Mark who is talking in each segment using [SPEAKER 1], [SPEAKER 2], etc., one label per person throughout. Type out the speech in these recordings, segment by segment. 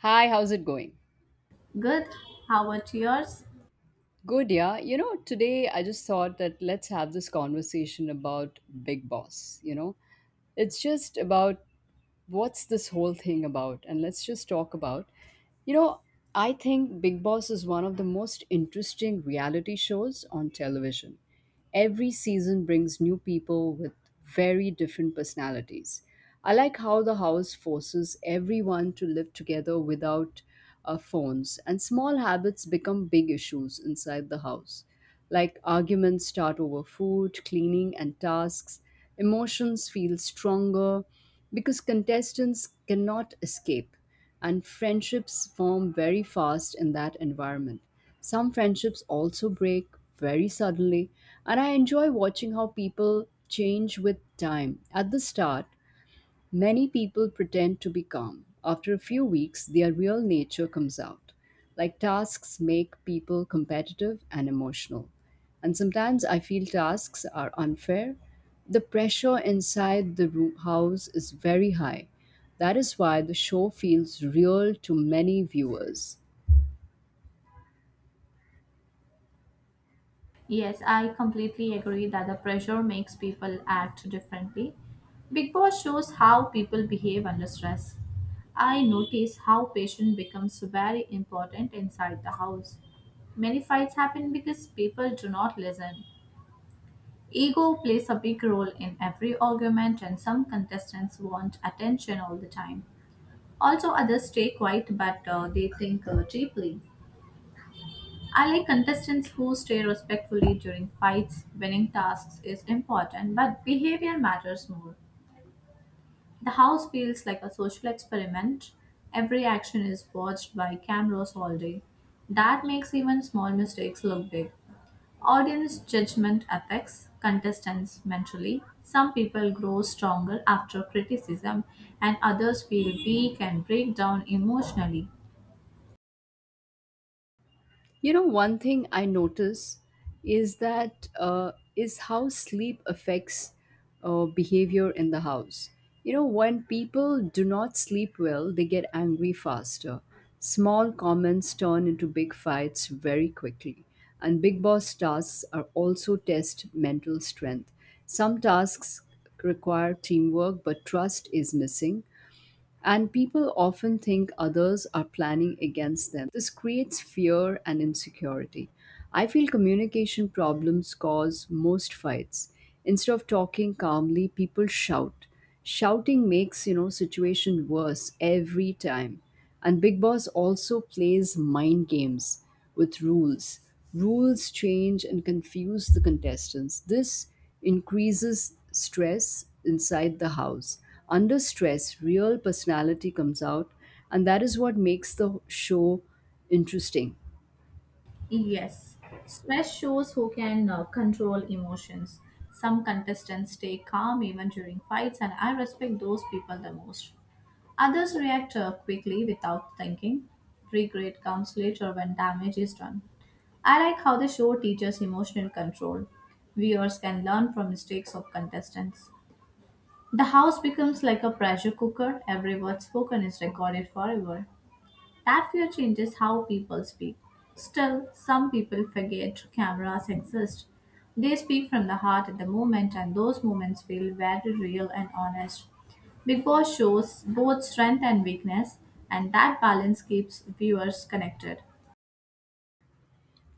[SPEAKER 1] Hi, how's it going?
[SPEAKER 2] Good. How about yours?
[SPEAKER 1] Good, yeah. You know, today I just thought that let's have this conversation about Big Boss. It's just about what's this whole thing about? And let's just talk about, you know, I think Big Boss is one of the most interesting reality shows on television. Every season brings new people with very different personalities. I like how the house forces everyone to live together without phones, and small habits become big issues inside the house. Like arguments start over food, cleaning, and tasks. Emotions feel stronger because contestants cannot escape, and friendships form very fast in that environment. Some friendships also break very suddenly, and I enjoy watching how people change with time. At the start, many people pretend to be calm. After a few weeks, their real nature comes out. Like tasks make people competitive and emotional. And sometimes I feel tasks are unfair. The pressure inside the house is very high. That is why the show feels real to many viewers.
[SPEAKER 2] Yes, I completely agree that the pressure makes people act differently. Big Boss shows how people behave under stress. I notice how patience becomes very important inside the house. Many fights happen because people do not listen. Ego plays a big role in every argument, and some contestants want attention all the time. Also, others stay quiet but they think deeply. I like contestants who stay respectfully during fights. Winning tasks is important, but behavior matters more. The house feels like a social experiment. Every action is watched by cameras all day. That makes even small mistakes look big. Audience judgment affects contestants mentally. Some people grow stronger after criticism, and others feel weak and break down emotionally.
[SPEAKER 1] You know, one thing I notice is that is how sleep affects behavior in the house. You know, when people do not sleep well, they get angry faster. Small comments turn into big fights very quickly, and big boss tasks are also test mental strength. Some tasks require teamwork, but trust is missing, and people often think others are planning against them. This creates fear and insecurity. I feel communication problems cause most fights. Instead of talking calmly, people shout. Shouting makes, situation worse every time. And Big Boss also plays mind games with rules. Rules change and confuse the contestants. This increases stress inside the house. Under stress, real personality comes out, and that is what makes the show interesting.
[SPEAKER 2] Yes, stress shows who can control emotions. Some contestants stay calm even during fights, and I respect those people the most. Others react quickly without thinking. Regret comes later when damage is done. I like how the show teaches emotional control. Viewers can learn from mistakes of contestants. The house becomes like a pressure cooker, every word spoken is recorded forever. That fear changes how people speak. Still, some people forget cameras exist. They speak from the heart at the moment, and those moments feel very real and honest. Big Boss shows both strength and weakness, and that balance keeps viewers connected.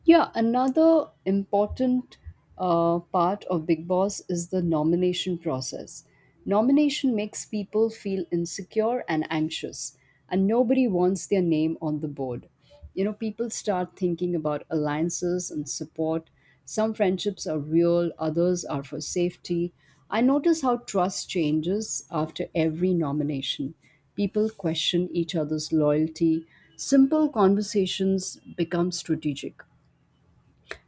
[SPEAKER 1] Yeah, another important part of Big Boss is the nomination process. Nomination makes people feel insecure and anxious, and nobody wants their name on the board. You know, people start thinking about alliances and support. Some friendships are real, others are for safety. I notice how trust changes after every nomination. People question each other's loyalty. Simple conversations become strategic.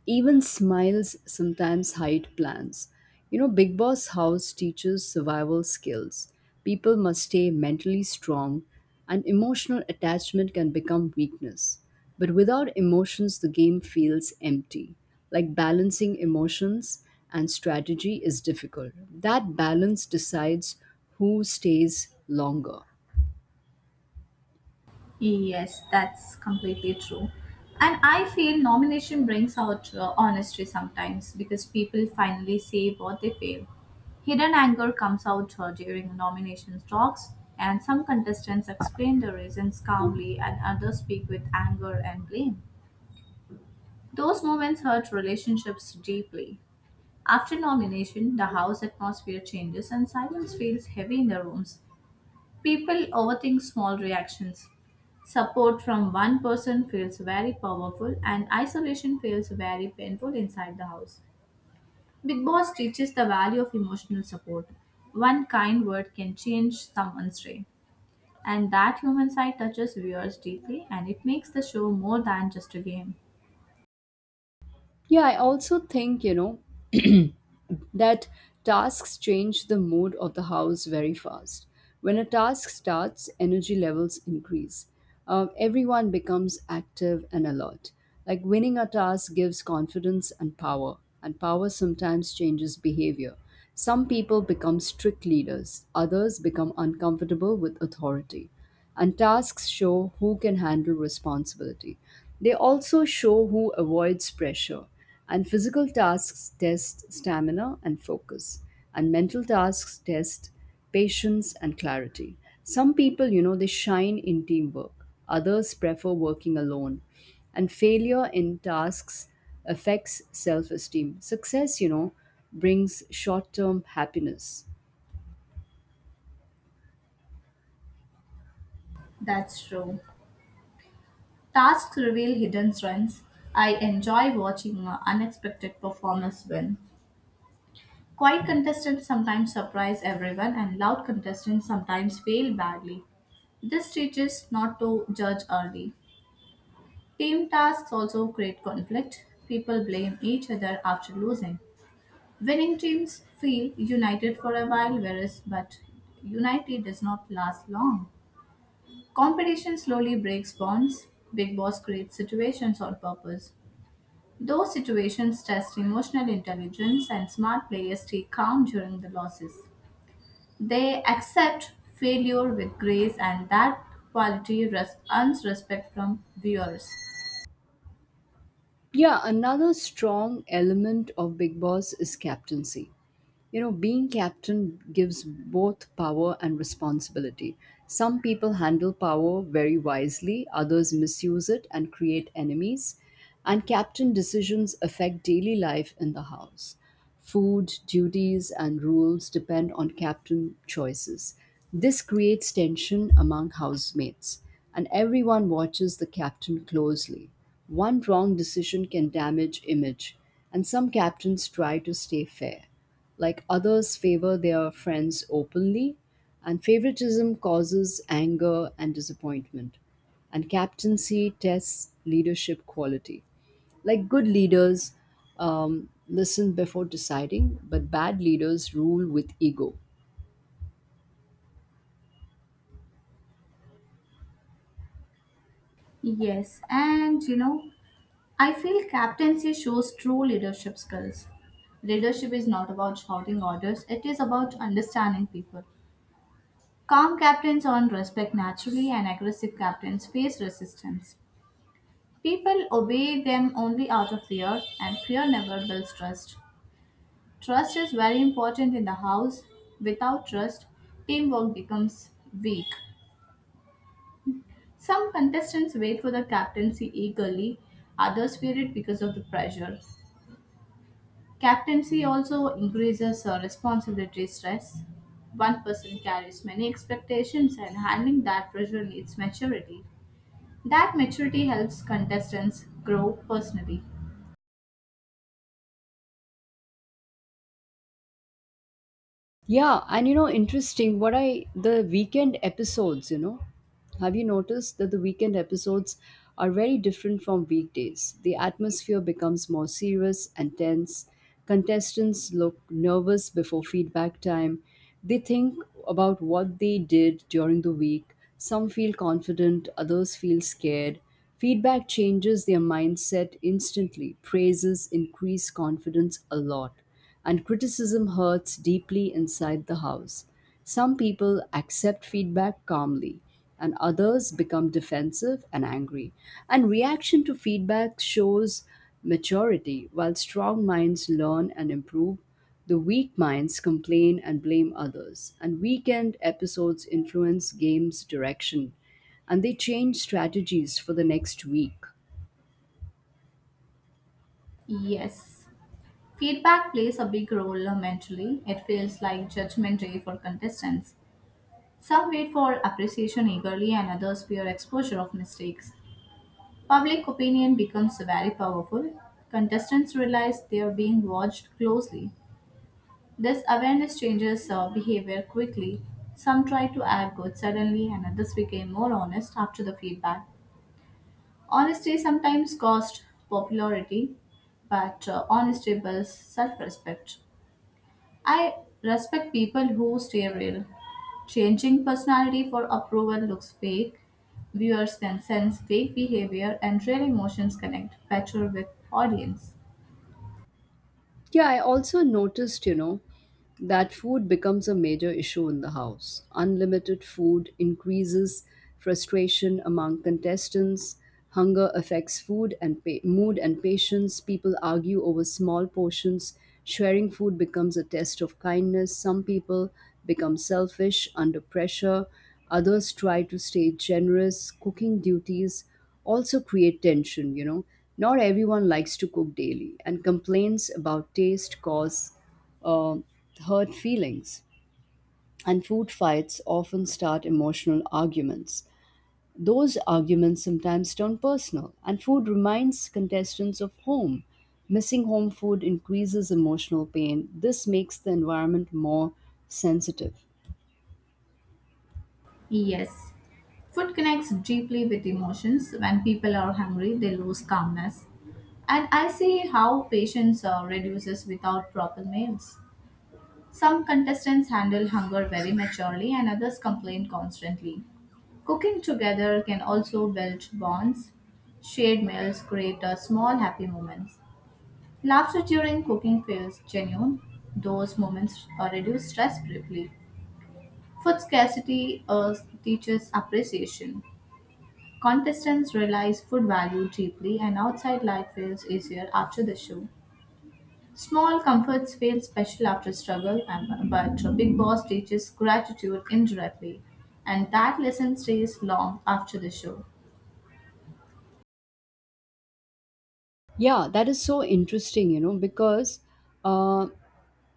[SPEAKER 1] Even smiles sometimes hide plans. You know, Big Boss House teaches survival skills. People must stay mentally strong, and emotional attachment can become weakness. But without emotions, the game feels empty. Like balancing emotions and strategy is difficult. That balance decides who stays longer.
[SPEAKER 2] Yes, that's completely true. And I feel nomination brings out honesty sometimes because people finally say what they feel. Hidden anger comes out during nomination talks, and some contestants explain the reasons calmly, and others speak with anger and blame. Those moments hurt relationships deeply. After nomination, the house atmosphere changes and silence feels heavy in the rooms. People overthink small reactions. Support from one person feels very powerful, and isolation feels very painful inside the house. Big Boss teaches the value of emotional support. One kind word can change someone's day. And that human side touches viewers deeply and it makes the show more than just a game.
[SPEAKER 1] Yeah, I also think, that tasks change the mood of the house very fast. When a task starts, energy levels increase. Everyone becomes active and alert. Like winning a task gives confidence and power sometimes changes behavior. Some people become strict leaders, others become uncomfortable with authority and tasks show who can handle responsibility. They also show who avoids pressure, and physical tasks test stamina and focus, and mental tasks test patience and clarity. Some people, they shine in teamwork, others prefer working alone, and failure in tasks affects self esteem. Success, brings short term happiness.
[SPEAKER 2] That's true. Tasks reveal hidden strengths. I enjoy watching unexpected performers win. Quiet contestants sometimes surprise everyone, and loud contestants sometimes fail badly. This teaches not to judge early. Team tasks also create conflict. People blame each other after losing. Winning teams feel united for a while, whereas but unity does not last long. Competition slowly breaks bonds. Big Boss creates situations on purpose. Those situations test emotional intelligence, and smart players stay calm during the losses. They accept failure with grace, and that earns respect from viewers.
[SPEAKER 1] Yeah, another strong element of Big Boss is captaincy. You know, being captain gives both power and responsibility. Some people handle power very wisely, others misuse it and create enemies. And captain decisions affect daily life in the house. Food, duties, and rules depend on captain choices. This creates tension among housemates, and everyone watches the captain closely. One wrong decision can damage image, and some captains try to stay fair. Like others favor their friends openly, and favoritism causes anger and disappointment. And captaincy tests leadership quality. Like good leaders listen before deciding, but bad leaders rule with ego.
[SPEAKER 2] Yes, and you know, I feel captaincy shows true leadership skills. Leadership is not about shouting orders, it is about understanding people. Calm captains earn respect naturally, and aggressive captains face resistance. People obey them only out of fear, and fear never builds trust. Trust is very important in the house. Without trust, teamwork becomes weak. Some contestants wait for the captaincy eagerly, others fear it because of the pressure. Captaincy also increases responsibility stress. One person carries many expectations, and handling that pressure needs maturity. That maturity helps contestants grow personally.
[SPEAKER 1] Yeah, and you know, interesting. What I the weekend episodes, you know, Have you noticed that the weekend episodes are very different from weekdays? The atmosphere becomes more serious and tense. Contestants look nervous before feedback time. They think about what they did during the week. Some feel confident, others feel scared. Feedback changes their mindset instantly. Praises increase confidence a lot and criticism hurts deeply inside the house. Some people accept feedback calmly, and others become defensive and angry. And reaction to feedback shows maturity, while strong minds learn and improve. The weak minds complain and blame others, and weekend episodes influence game's direction, and they change strategies for the next week.
[SPEAKER 2] Yes. Feedback plays a big role mentally. It feels like judgment day for contestants. Some wait for appreciation eagerly, and others fear exposure of mistakes. Public opinion becomes very powerful. Contestants realize they are being watched closely. This awareness changes behavior quickly. Some try to act good suddenly, and others became more honest after the feedback. Honesty sometimes costs popularity, but honesty builds self respect. I respect people who stay real. Changing personality for approval looks fake. Viewers can sense fake behavior and real emotions connect better with audience.
[SPEAKER 1] Yeah, I also noticed, that food becomes a major issue in the house. Unlimited food increases frustration among contestants. Hunger affects mood and patience. People argue over small portions. Sharing food becomes a test of kindness. Some people become selfish under pressure. Others try to stay generous. Cooking duties also create tension, you know. Not everyone likes to cook daily, and complaints about taste cause uh, hurt feelings. And food fights often start emotional arguments. Those arguments sometimes turn personal, and food reminds contestants of home. Missing home food increases emotional pain. This makes the environment more sensitive.
[SPEAKER 2] Yes. Food connects deeply with emotions. When people are hungry, they lose calmness. And I see how patience reduces without proper meals. Some contestants handle hunger very maturely and others complain constantly. Cooking together can also build bonds. Shared meals create a small happy moments. Laughter during cooking feels genuine. Those moments reduce stress briefly. Food scarcity teaches appreciation. Contestants realize food value deeply, and outside life feels easier after the show. Small comforts feel special after struggle, but a Big Boss teaches gratitude indirectly, and that lesson stays long after the show.
[SPEAKER 1] Yeah, that is so interesting, you know, because uh,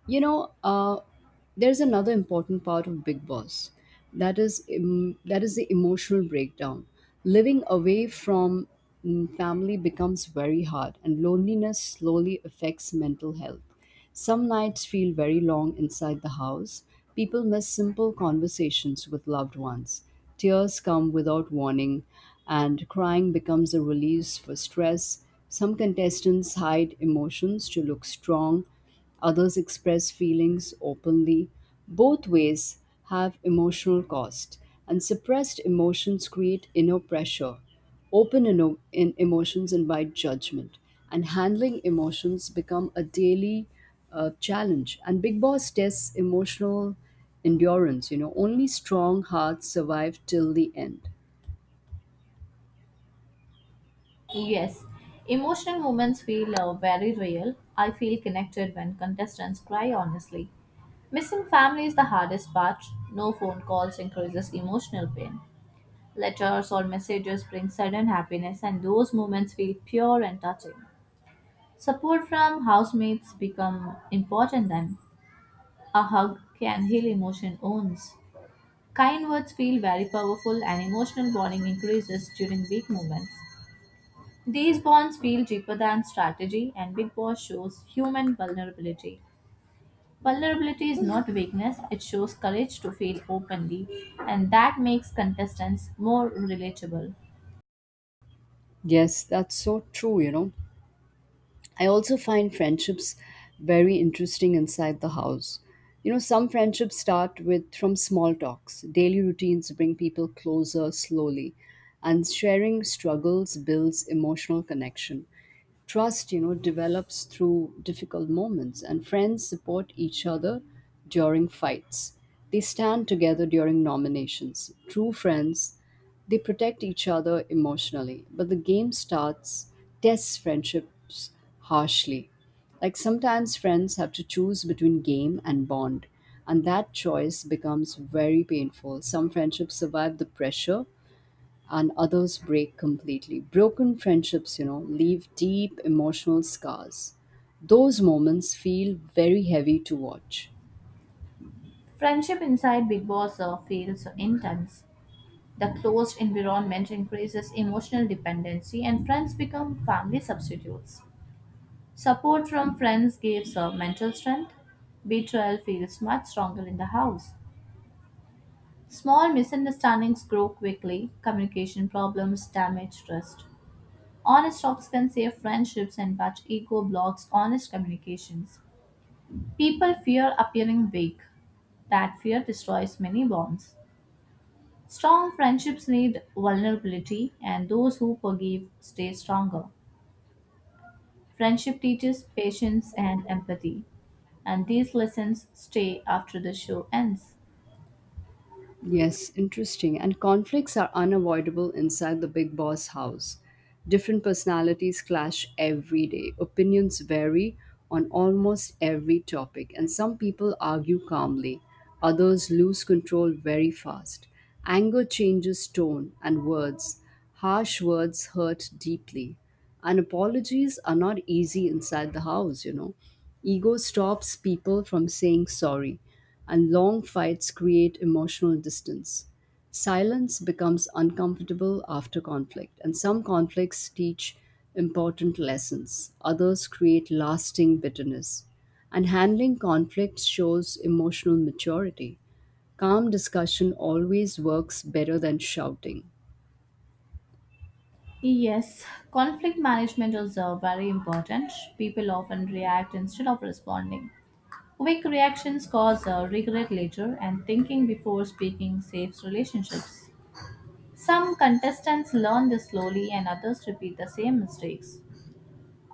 [SPEAKER 1] You know, uh, there's another important part of Big Boss. That is the emotional breakdown. Living away from family becomes very hard, and loneliness slowly affects mental health. Some nights feel very long inside the house. People miss simple conversations with loved ones. Tears come without warning, and crying becomes a release for stress. Some contestants hide emotions to look strong. Others express feelings openly. Both ways have emotional cost, and suppressed emotions create inner pressure. Open eno- in emotions invite judgment, and handling emotions become a daily challenge. And Big Boss tests emotional endurance. You know, only strong hearts survive till the end.
[SPEAKER 2] Yes, emotional moments feel very real. I feel connected when contestants cry honestly. Missing family is the hardest part. No phone calls increases emotional pain. Letters or messages bring sudden happiness, and those moments feel pure and touching. Support from housemates become important then. A hug can heal emotion wounds. Kind words feel very powerful and emotional bonding increases during weak moments. These bonds feel deeper than strategy and Big Boss shows human vulnerability. Vulnerability is not weakness, it shows courage to feel openly and that makes contestants more relatable.
[SPEAKER 1] Yes, that's so true, you know. I also find friendships very interesting inside the house. You know, some friendships start with from small talks. Daily routines bring people closer slowly, and sharing struggles builds emotional connection. Trust, develops through difficult moments, and friends support each other during fights. They stand together during nominations. True friends they protect each other emotionally, but the game starts tests friendships harshly. Like sometimes friends have to choose between game and bond, and that choice becomes very painful. Some friendships survive the pressure and others break completely. Broken friendships, leave deep emotional scars. Those moments feel very heavy to watch.
[SPEAKER 2] Friendship inside Big Boss feels intense. The closed environment increases emotional dependency and friends become family substitutes. Support from friends gives her mental strength. Betrayal feels much stronger in the house. Small misunderstandings grow quickly. Communication problems damage trust. Honest talks can save friendships, and but ego blocks honest communications. People fear appearing weak. That fear destroys many bonds. Strong friendships need vulnerability, and those who forgive stay stronger. Friendship teaches patience and empathy, and these lessons stay after the show ends.
[SPEAKER 1] Yes, interesting. And conflicts are unavoidable inside the big boss house. Different personalities clash every day. Opinions vary on almost every topic, and some people argue calmly, others lose control very fast. Anger changes tone and words. Harsh words hurt deeply. And apologies are not easy inside the house, you know. Ego stops people from saying sorry and long fights create emotional distance. Silence becomes uncomfortable after conflict, and some conflicts teach important lessons, others create lasting bitterness. And handling conflicts shows emotional maturity. Calm discussion always works better than shouting.
[SPEAKER 2] Yes, conflict management is very important. People often react instead of responding. Weak reactions cause regret later, and thinking before speaking saves relationships. Some contestants learn this slowly, and others repeat the same mistakes.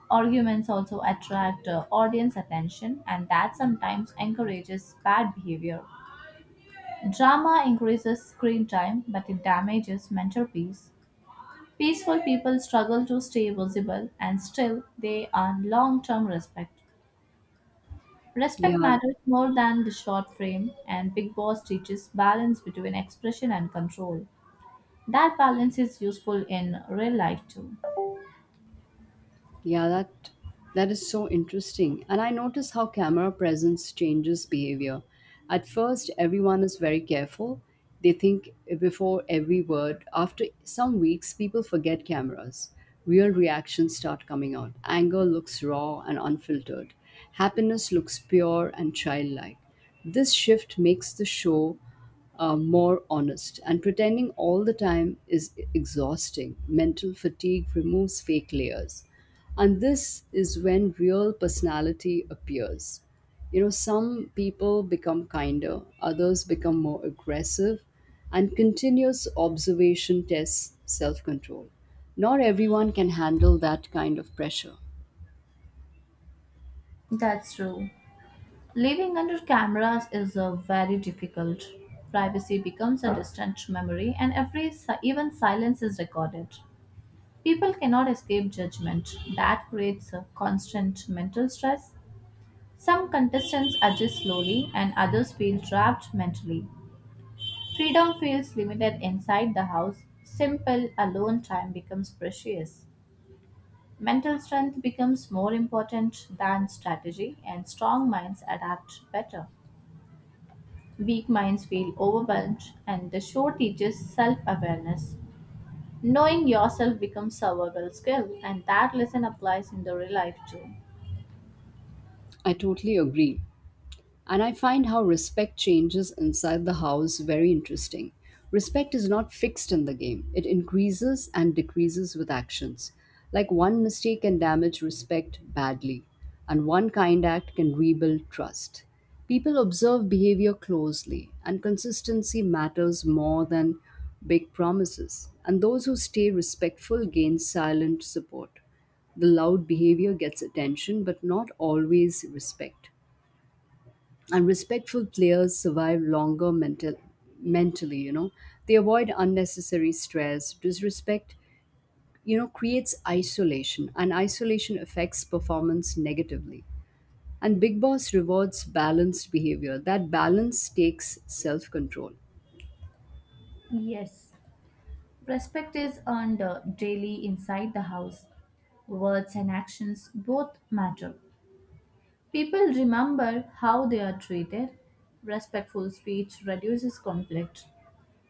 [SPEAKER 2] Arguments also attract audience attention, and that sometimes encourages bad behavior. Drama increases screen time, but it damages mental peace. Peaceful people struggle to stay visible, and still they earn long term respect. Respect
[SPEAKER 1] Yeah,
[SPEAKER 2] matters more than the short frame, and Big Boss teaches balance between expression and control. That balance is useful in real life too.
[SPEAKER 1] yeah, that is so interesting. And I notice how camera presence changes behavior. At first, everyone is very careful. They think before every word. After some weeks, people forget cameras. Real reactions start coming out. Anger looks raw and unfiltered. Happiness looks pure and childlike. This shift makes the show more honest, and pretending all the time is exhausting. Mental fatigue removes fake layers. And this is when real personality appears. You know, some people become kinder, others become more aggressive, and continuous observation tests self control. Not everyone can handle that kind of pressure.
[SPEAKER 2] That's true. Living under cameras is very difficult. Privacy becomes a distant memory, and even silence is recorded. People cannot escape judgment. That creates a constant mental stress. Some contestants adjust slowly, and others feel trapped mentally. Freedom feels limited inside the house. Simple, alone time becomes precious. Mental strength becomes more important than strategy, and strong minds adapt better. Weak minds feel overwhelmed, and the show teaches self awareness. Knowing yourself becomes survival skill, and that lesson applies in the real life too.
[SPEAKER 1] I totally agree. And I find how respect changes inside the house very interesting. Respect is not fixed in the game, it increases and decreases with actions. Like one mistake can damage respect badly, and one kind act can rebuild trust. People observe behavior closely, and consistency matters more than big promises. And those who stay respectful gain silent support. The loud behavior gets attention, but not always respect. And respectful players survive longer mentally, you know. They avoid unnecessary stress. Disrespect, creates isolation, and isolation affects performance negatively. And Big Boss rewards balanced behavior. That balance takes self control.
[SPEAKER 2] Yes, respect is earned daily inside the house. Words and actions both matter. People remember how they are treated. Respectful speech reduces conflict.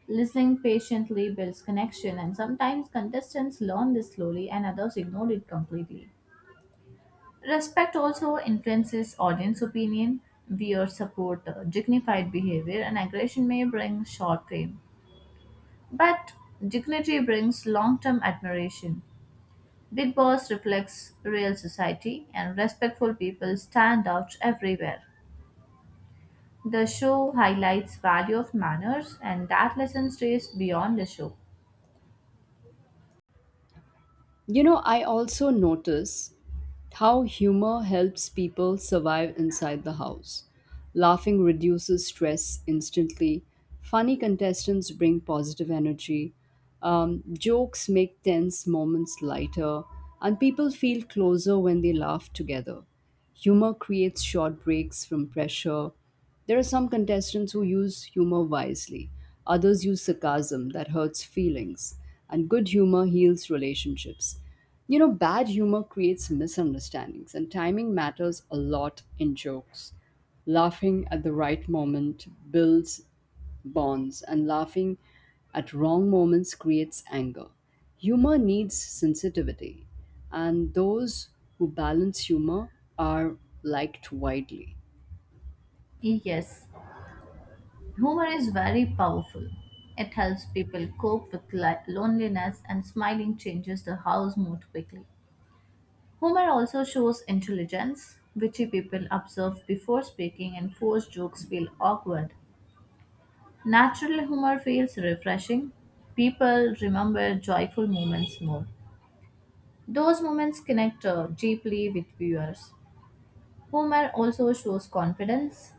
[SPEAKER 2] Listening patiently builds connection, and sometimes contestants learn this slowly and others ignore it completely. Respect also influences audience opinion. Viewers support dignified behavior, and aggression may bring short fame. But dignity brings long term admiration. Big Boss reflects real society, and respectful people stand out everywhere. The show highlights value of manners, and that lesson stays beyond the show.
[SPEAKER 1] You know, I also notice how humor helps people survive inside the house. Laughing reduces stress instantly. Funny contestants bring positive energy. Jokes make tense moments lighter. And people feel closer when they laugh together. Humor creates short breaks from pressure. There are some contestants who use humor wisely, others use sarcasm that hurts feelings, and good humor heals relationships. You know, bad humor creates misunderstandings, and timing matters a lot in jokes. Laughing at the right moment builds bonds, and laughing at wrong moments creates anger. Humor needs sensitivity, and those who balance humor are liked widely.
[SPEAKER 2] Yes, humor is very powerful. It helps people cope with loneliness, and smiling changes the house mood quickly. Humor also shows intelligence. Witty people observe before speaking, and forced jokes feel awkward. Natural humor feels refreshing. People remember joyful moments more. Those moments connect deeply with viewers. Humor also shows confidence.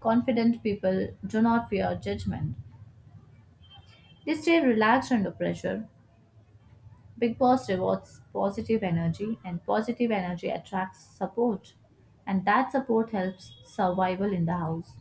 [SPEAKER 2] Confident people do not fear judgment. They stay relaxed under pressure. Big Boss rewards positive energy, and positive energy attracts support. And that support helps survival in the house.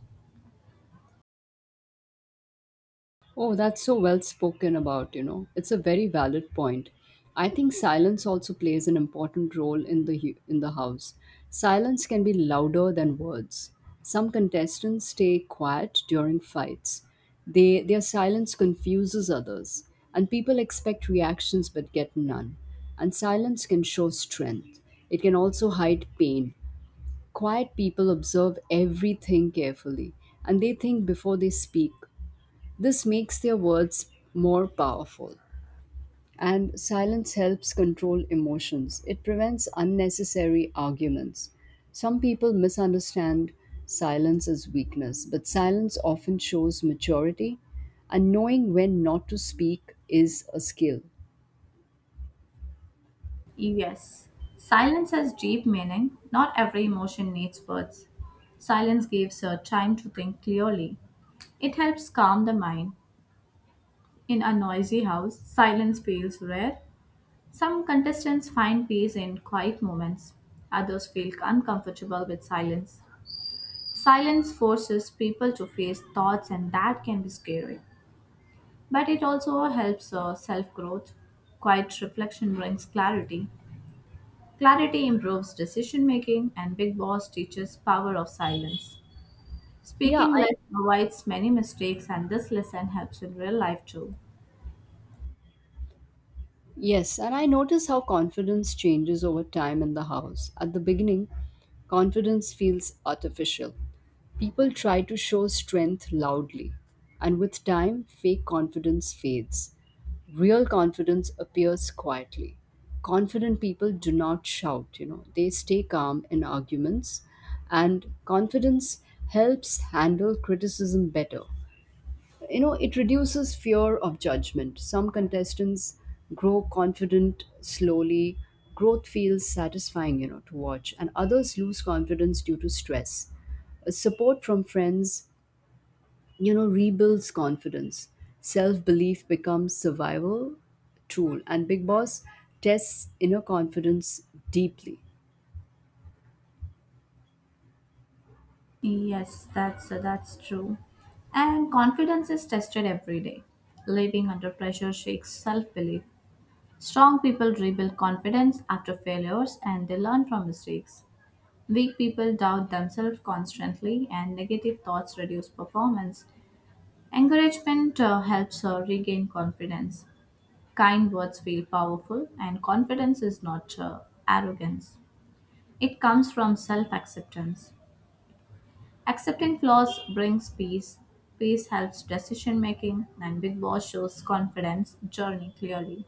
[SPEAKER 1] Oh, that's so well spoken about, you know. It's a very valid point. I think silence also plays an important role in the house. Silence can be louder than words. Some contestants stay quiet during fights. They Their silence confuses others, and people expect reactions but get none. And silence can show strength. It can also hide pain. Quiet people observe everything carefully and they think before they speak. This makes their words more powerful. And silence helps control emotions, it prevents unnecessary arguments. Some people misunderstand silence as weakness, but silence often shows maturity, and knowing when not to speak is a skill.
[SPEAKER 2] Yes. Silence has deep meaning. Not every emotion needs words. Silence gives her time to think clearly. It helps calm the mind. In a noisy house, silence feels rare. Some contestants find peace in quiet moments, others feel uncomfortable with silence. Silence forces people to face thoughts, and that can be scary. But it also helps self growth. Quiet reflection brings clarity. Clarity improves decision making, and Big Boss teaches power of silence.
[SPEAKER 1] Yeah,
[SPEAKER 2] Speaking
[SPEAKER 1] I
[SPEAKER 2] less avoids many mistakes, and this lesson helps in real life too.
[SPEAKER 1] yes, and I notice how confidence changes over time in the house. At the beginning, confidence feels artificial, people try to show strength loudly, and with time, fake confidence fades. Real confidence appears quietly. Confident people do not shout, you know, they stay calm in arguments, and confidence helps handle criticism better, it reduces fear of judgment. Some contestants grow confident slowly, growth feels satisfying to watch, and others lose confidence due to stress. Support from friends, rebuilds confidence. Self belief becomes survival tool, and Big Boss tests inner confidence deeply.
[SPEAKER 2] Yes, that's true. And confidence is tested every day. Living under pressure shakes self-belief. Strong people rebuild confidence after failures and they learn from mistakes. Weak people doubt themselves constantly and negative thoughts reduce performance. Encouragement helps regain confidence. Kind words feel powerful, and confidence is not arrogance. It comes from self acceptance. Accepting flaws brings peace. Peace helps decision making, and Big Boss shows confidence journey clearly.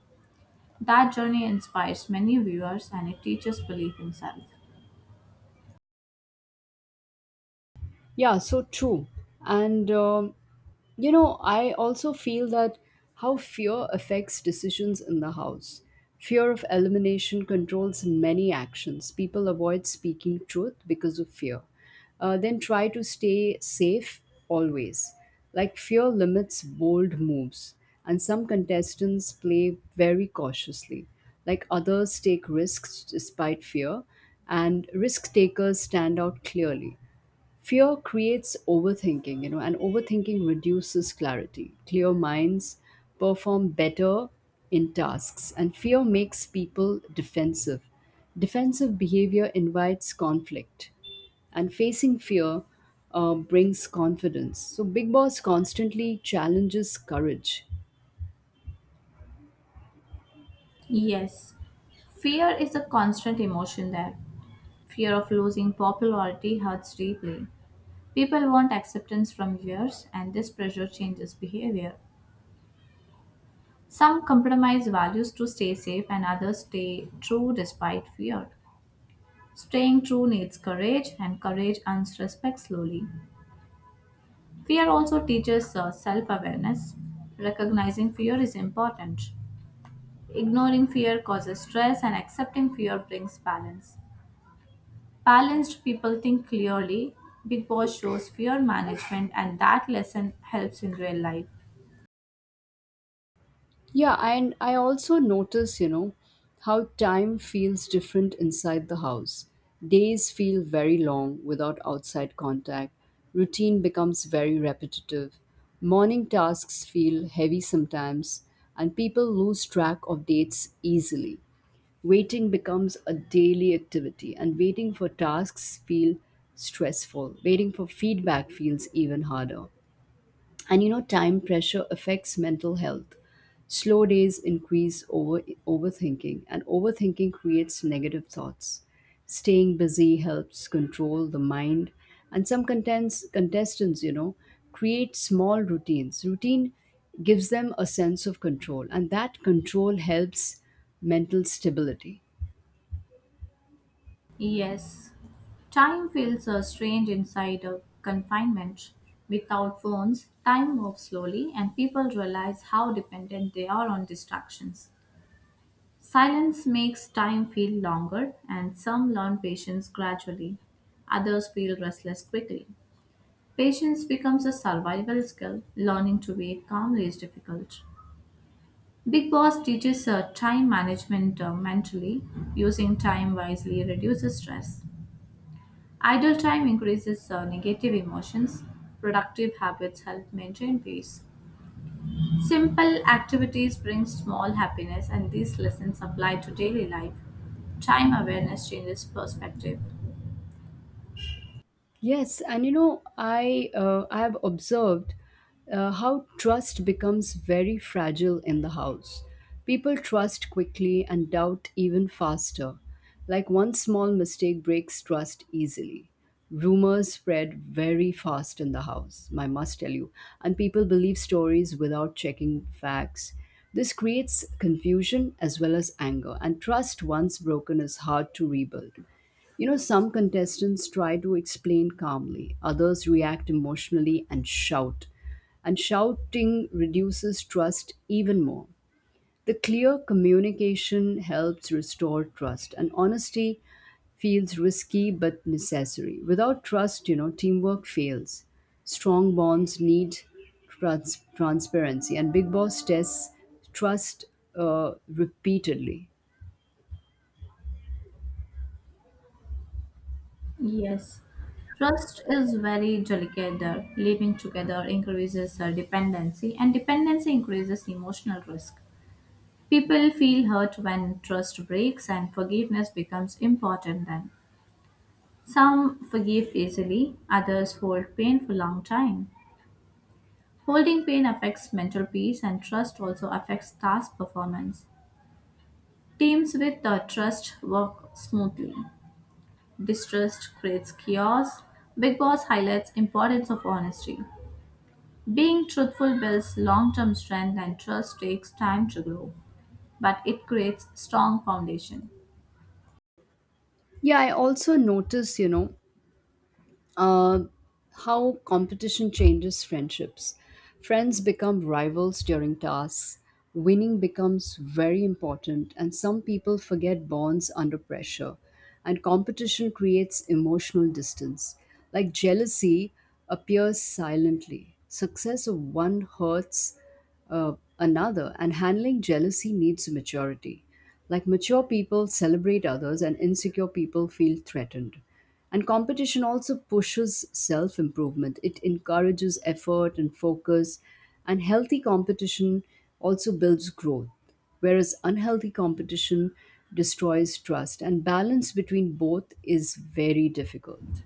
[SPEAKER 2] That journey inspires many viewers and it teaches belief in self.
[SPEAKER 1] Yeah, so true. And I also feel that how fear affects decisions in the house. Fear of elimination controls many actions. People avoid speaking truth because of fear, then try to stay safe always. Like, fear limits bold moves, and some contestants play very cautiously. Like, others take risks despite fear, and risk takers stand out clearly. Fear creates overthinking, and overthinking reduces clarity. Clear minds perform better in tasks, and fear makes people defensive. Defensive behavior invites conflict, and facing fear brings confidence. So, Big Boss constantly challenges courage.
[SPEAKER 2] Yes, fear is a constant emotion there. Fear of losing popularity hurts deeply. People want acceptance from viewers, and this pressure changes behavior. Some compromise values to stay safe, and others stay true despite fear. Staying true needs courage, and courage earns respect slowly. Fear also teaches self awareness. Recognizing fear is important. Ignoring fear causes stress, and accepting fear brings balance. Balanced people think clearly. Big Boss shows fear management, and that lesson helps in real life.
[SPEAKER 1] Yeah, and I also notice, how time feels different inside the house. Days feel very long without outside contact. Routine becomes very repetitive. Morning tasks feel heavy sometimes, and people lose track of dates easily. Waiting becomes a daily activity, and waiting for tasks feel stressful. Waiting for feedback feels even harder, and time pressure affects mental health. Slow days increase overthinking, and overthinking creates negative thoughts. Staying busy helps control the mind, and some contestants create small routines. Routine gives them a sense of control, and that control helps mental stability.
[SPEAKER 2] Yes, time feels strange inside a confinement. Without phones, time moves slowly, and people realize how dependent they are on distractions. Silence makes time feel longer, and some learn patience gradually. Others feel restless quickly. Patience becomes a survival skill. Learning to wait calmly is difficult. Big Boss teaches time management mentally. Using time wisely reduces stress. Idle time increases negative emotions. Productive habits help maintain peace. Simple activities bring small happiness, and these lessons apply to daily life. Time awareness changes perspective.
[SPEAKER 1] Yes, and you know, I have observed how trust becomes very fragile in the house. People trust quickly and doubt even faster. Like, one small mistake breaks trust easily. Rumors spread very fast in the house, I must tell you, and people believe stories without checking facts. This creates confusion as well as anger, and trust once broken is hard to rebuild. You know, some contestants try to explain calmly, others react emotionally and shout. And shouting reduces trust even more. The clear communication helps restore trust, and honesty feels risky but necessary. Without trust, teamwork fails. Strong bonds need transparency, and Big Boss tests trust repeatedly.
[SPEAKER 2] Yes. Trust is very delicate. Living together increases dependency, and dependency increases emotional risk. People feel hurt when trust breaks, and forgiveness becomes important then. Some forgive easily, others hold pain for long time. Holding pain affects mental peace and trust also affects task performance. Teams with trust work smoothly. Distrust creates chaos. Big Boss highlights importance of honesty. Being truthful builds long-term strength and trust takes time to grow, but it creates strong foundation.
[SPEAKER 1] Yeah, I also notice, uh, how competition changes friendships. Friends become rivals during tasks. Winning becomes very important, and some people forget bonds under pressure. And competition creates emotional distance. Like, jealousy appears silently. Success of one hurts uh, another, and handling jealousy needs maturity. Like, mature people celebrate others, and insecure people feel threatened. And competition also pushes self improvement. It encourages effort and focus. And healthy competition also builds growth, whereas unhealthy competition destroys trust. And balance between both is very difficult.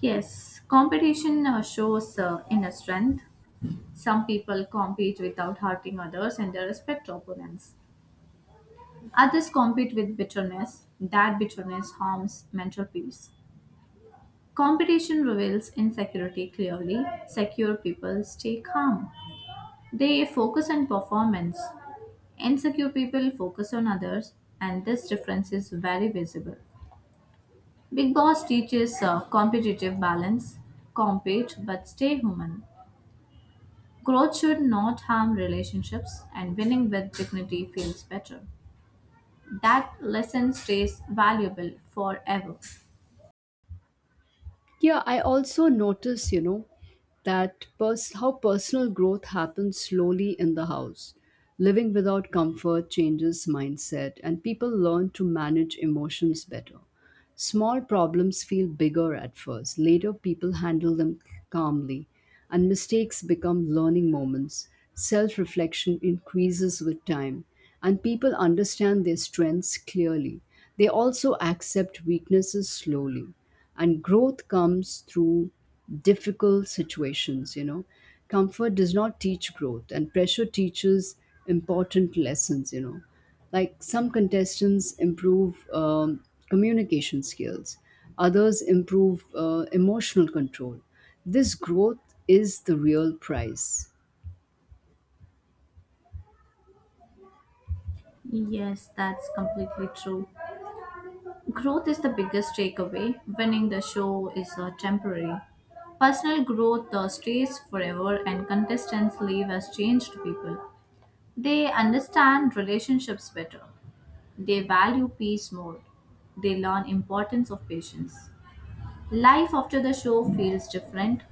[SPEAKER 2] Yes, competition shows inner strength. Some people compete without hurting others and they respect opponents. Others compete with bitterness. That bitterness harms mental peace. Competition reveals insecurity clearly. Secure people stay calm. They focus on performance. Insecure people focus on others, and this difference is very visible. Big Boss teaches competitive balance, compete but stay human. Growth should not harm relationships, and winning with dignity feels better. That lesson stays valuable forever.
[SPEAKER 1] Yeah, I also notice, how personal growth happens slowly in the house. Living without comfort changes mindset, and people learn to manage emotions better. Small problems feel bigger at first. Later, people handle them calmly, and mistakes become learning moments. Self reflection increases with time, and people understand their strengths clearly. They also accept weaknesses slowly, and growth comes through difficult situations. You know, comfort does not teach growth, and pressure teaches important lessons. You know, like, some contestants improve communication skills, others improve emotional control. This growth is the real prize.
[SPEAKER 2] Yes, that's completely true. Growth is the biggest takeaway. Winning the show is temporary. Personal growth stays forever, and contestants leave as changed people. They understand relationships better. They value peace more. They learn importance of patience. Life after the show feels different.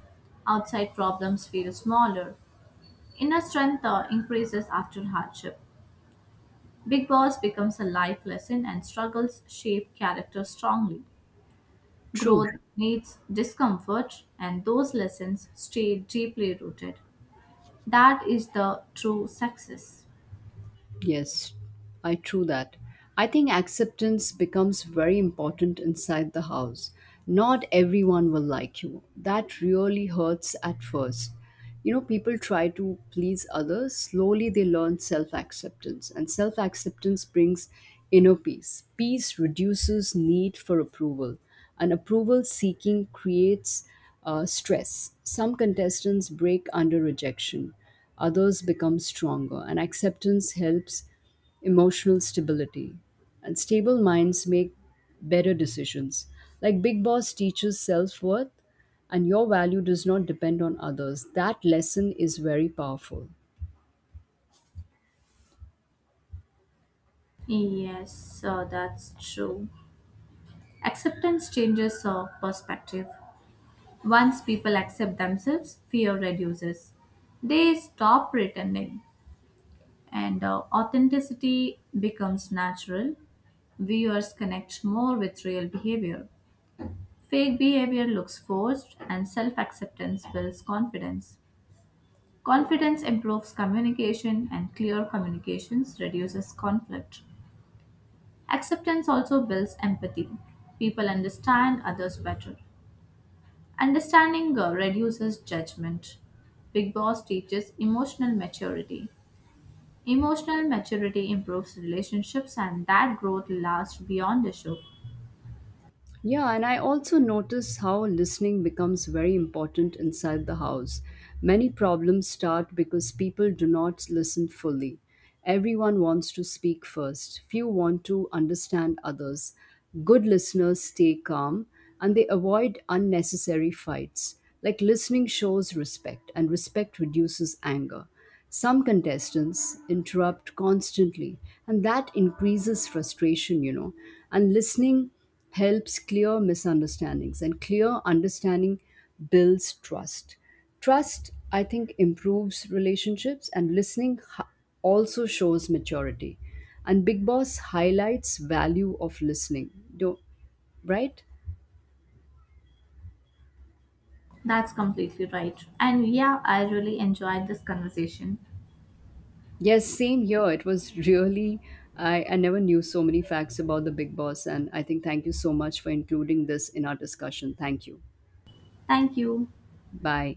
[SPEAKER 2] Outside problems feel smaller. Inner strength increases after hardship. Big Boss becomes a life lesson and struggles shape character strongly.
[SPEAKER 1] True.
[SPEAKER 2] Growth needs discomfort, and those lessons stay deeply rooted. That is the true success.
[SPEAKER 1] Yes, I true that. I think acceptance becomes very important inside the house. Not everyone will like you. That really hurts at first. You know, people try to please others. Slowly they learn self acceptance, and self acceptance brings inner peace. Peace reduces need for approval, and approval seeking creates stress. Some contestants break under rejection, others become stronger, and acceptance helps emotional stability. And stable minds make better decisions. Like, Big Boss teaches self worth, and your value does not depend on others. That lesson is very powerful.
[SPEAKER 2] Yes, that's true. Acceptance changes our perspective. Once people accept themselves, fear reduces. They stop pretending, and authenticity becomes natural. Viewers connect more with real behavior. Fake behavior looks forced, and self acceptance builds confidence. Confidence improves communication, and clear communications reduces conflict. Acceptance also builds empathy. People understand others better. Understanding reduces judgment. Big Boss teaches emotional maturity. Emotional maturity improves relationships, and that growth lasts beyond the show.
[SPEAKER 1] Yeah, and I also notice how listening becomes very important inside the house. Many problems start because people do not listen fully. Everyone wants to speak first, few want to understand others. Good listeners stay calm and they avoid unnecessary fights. Like, listening shows respect, and respect reduces anger. Some contestants interrupt constantly, and that increases frustration, you know. And listening helps clear misunderstandings, and clear understanding builds trust. Trust, I think, improves relationships, and also shows maturity. And Big Boss highlights value of listening, do right?
[SPEAKER 2] That's completely right. And yeah, I really enjoyed this conversation.
[SPEAKER 1] Yes, same here. It was really, I never knew so many facts about the Big Boss. And I think thank you so much for including this in our discussion. Thank you.
[SPEAKER 2] Thank you.
[SPEAKER 1] Bye.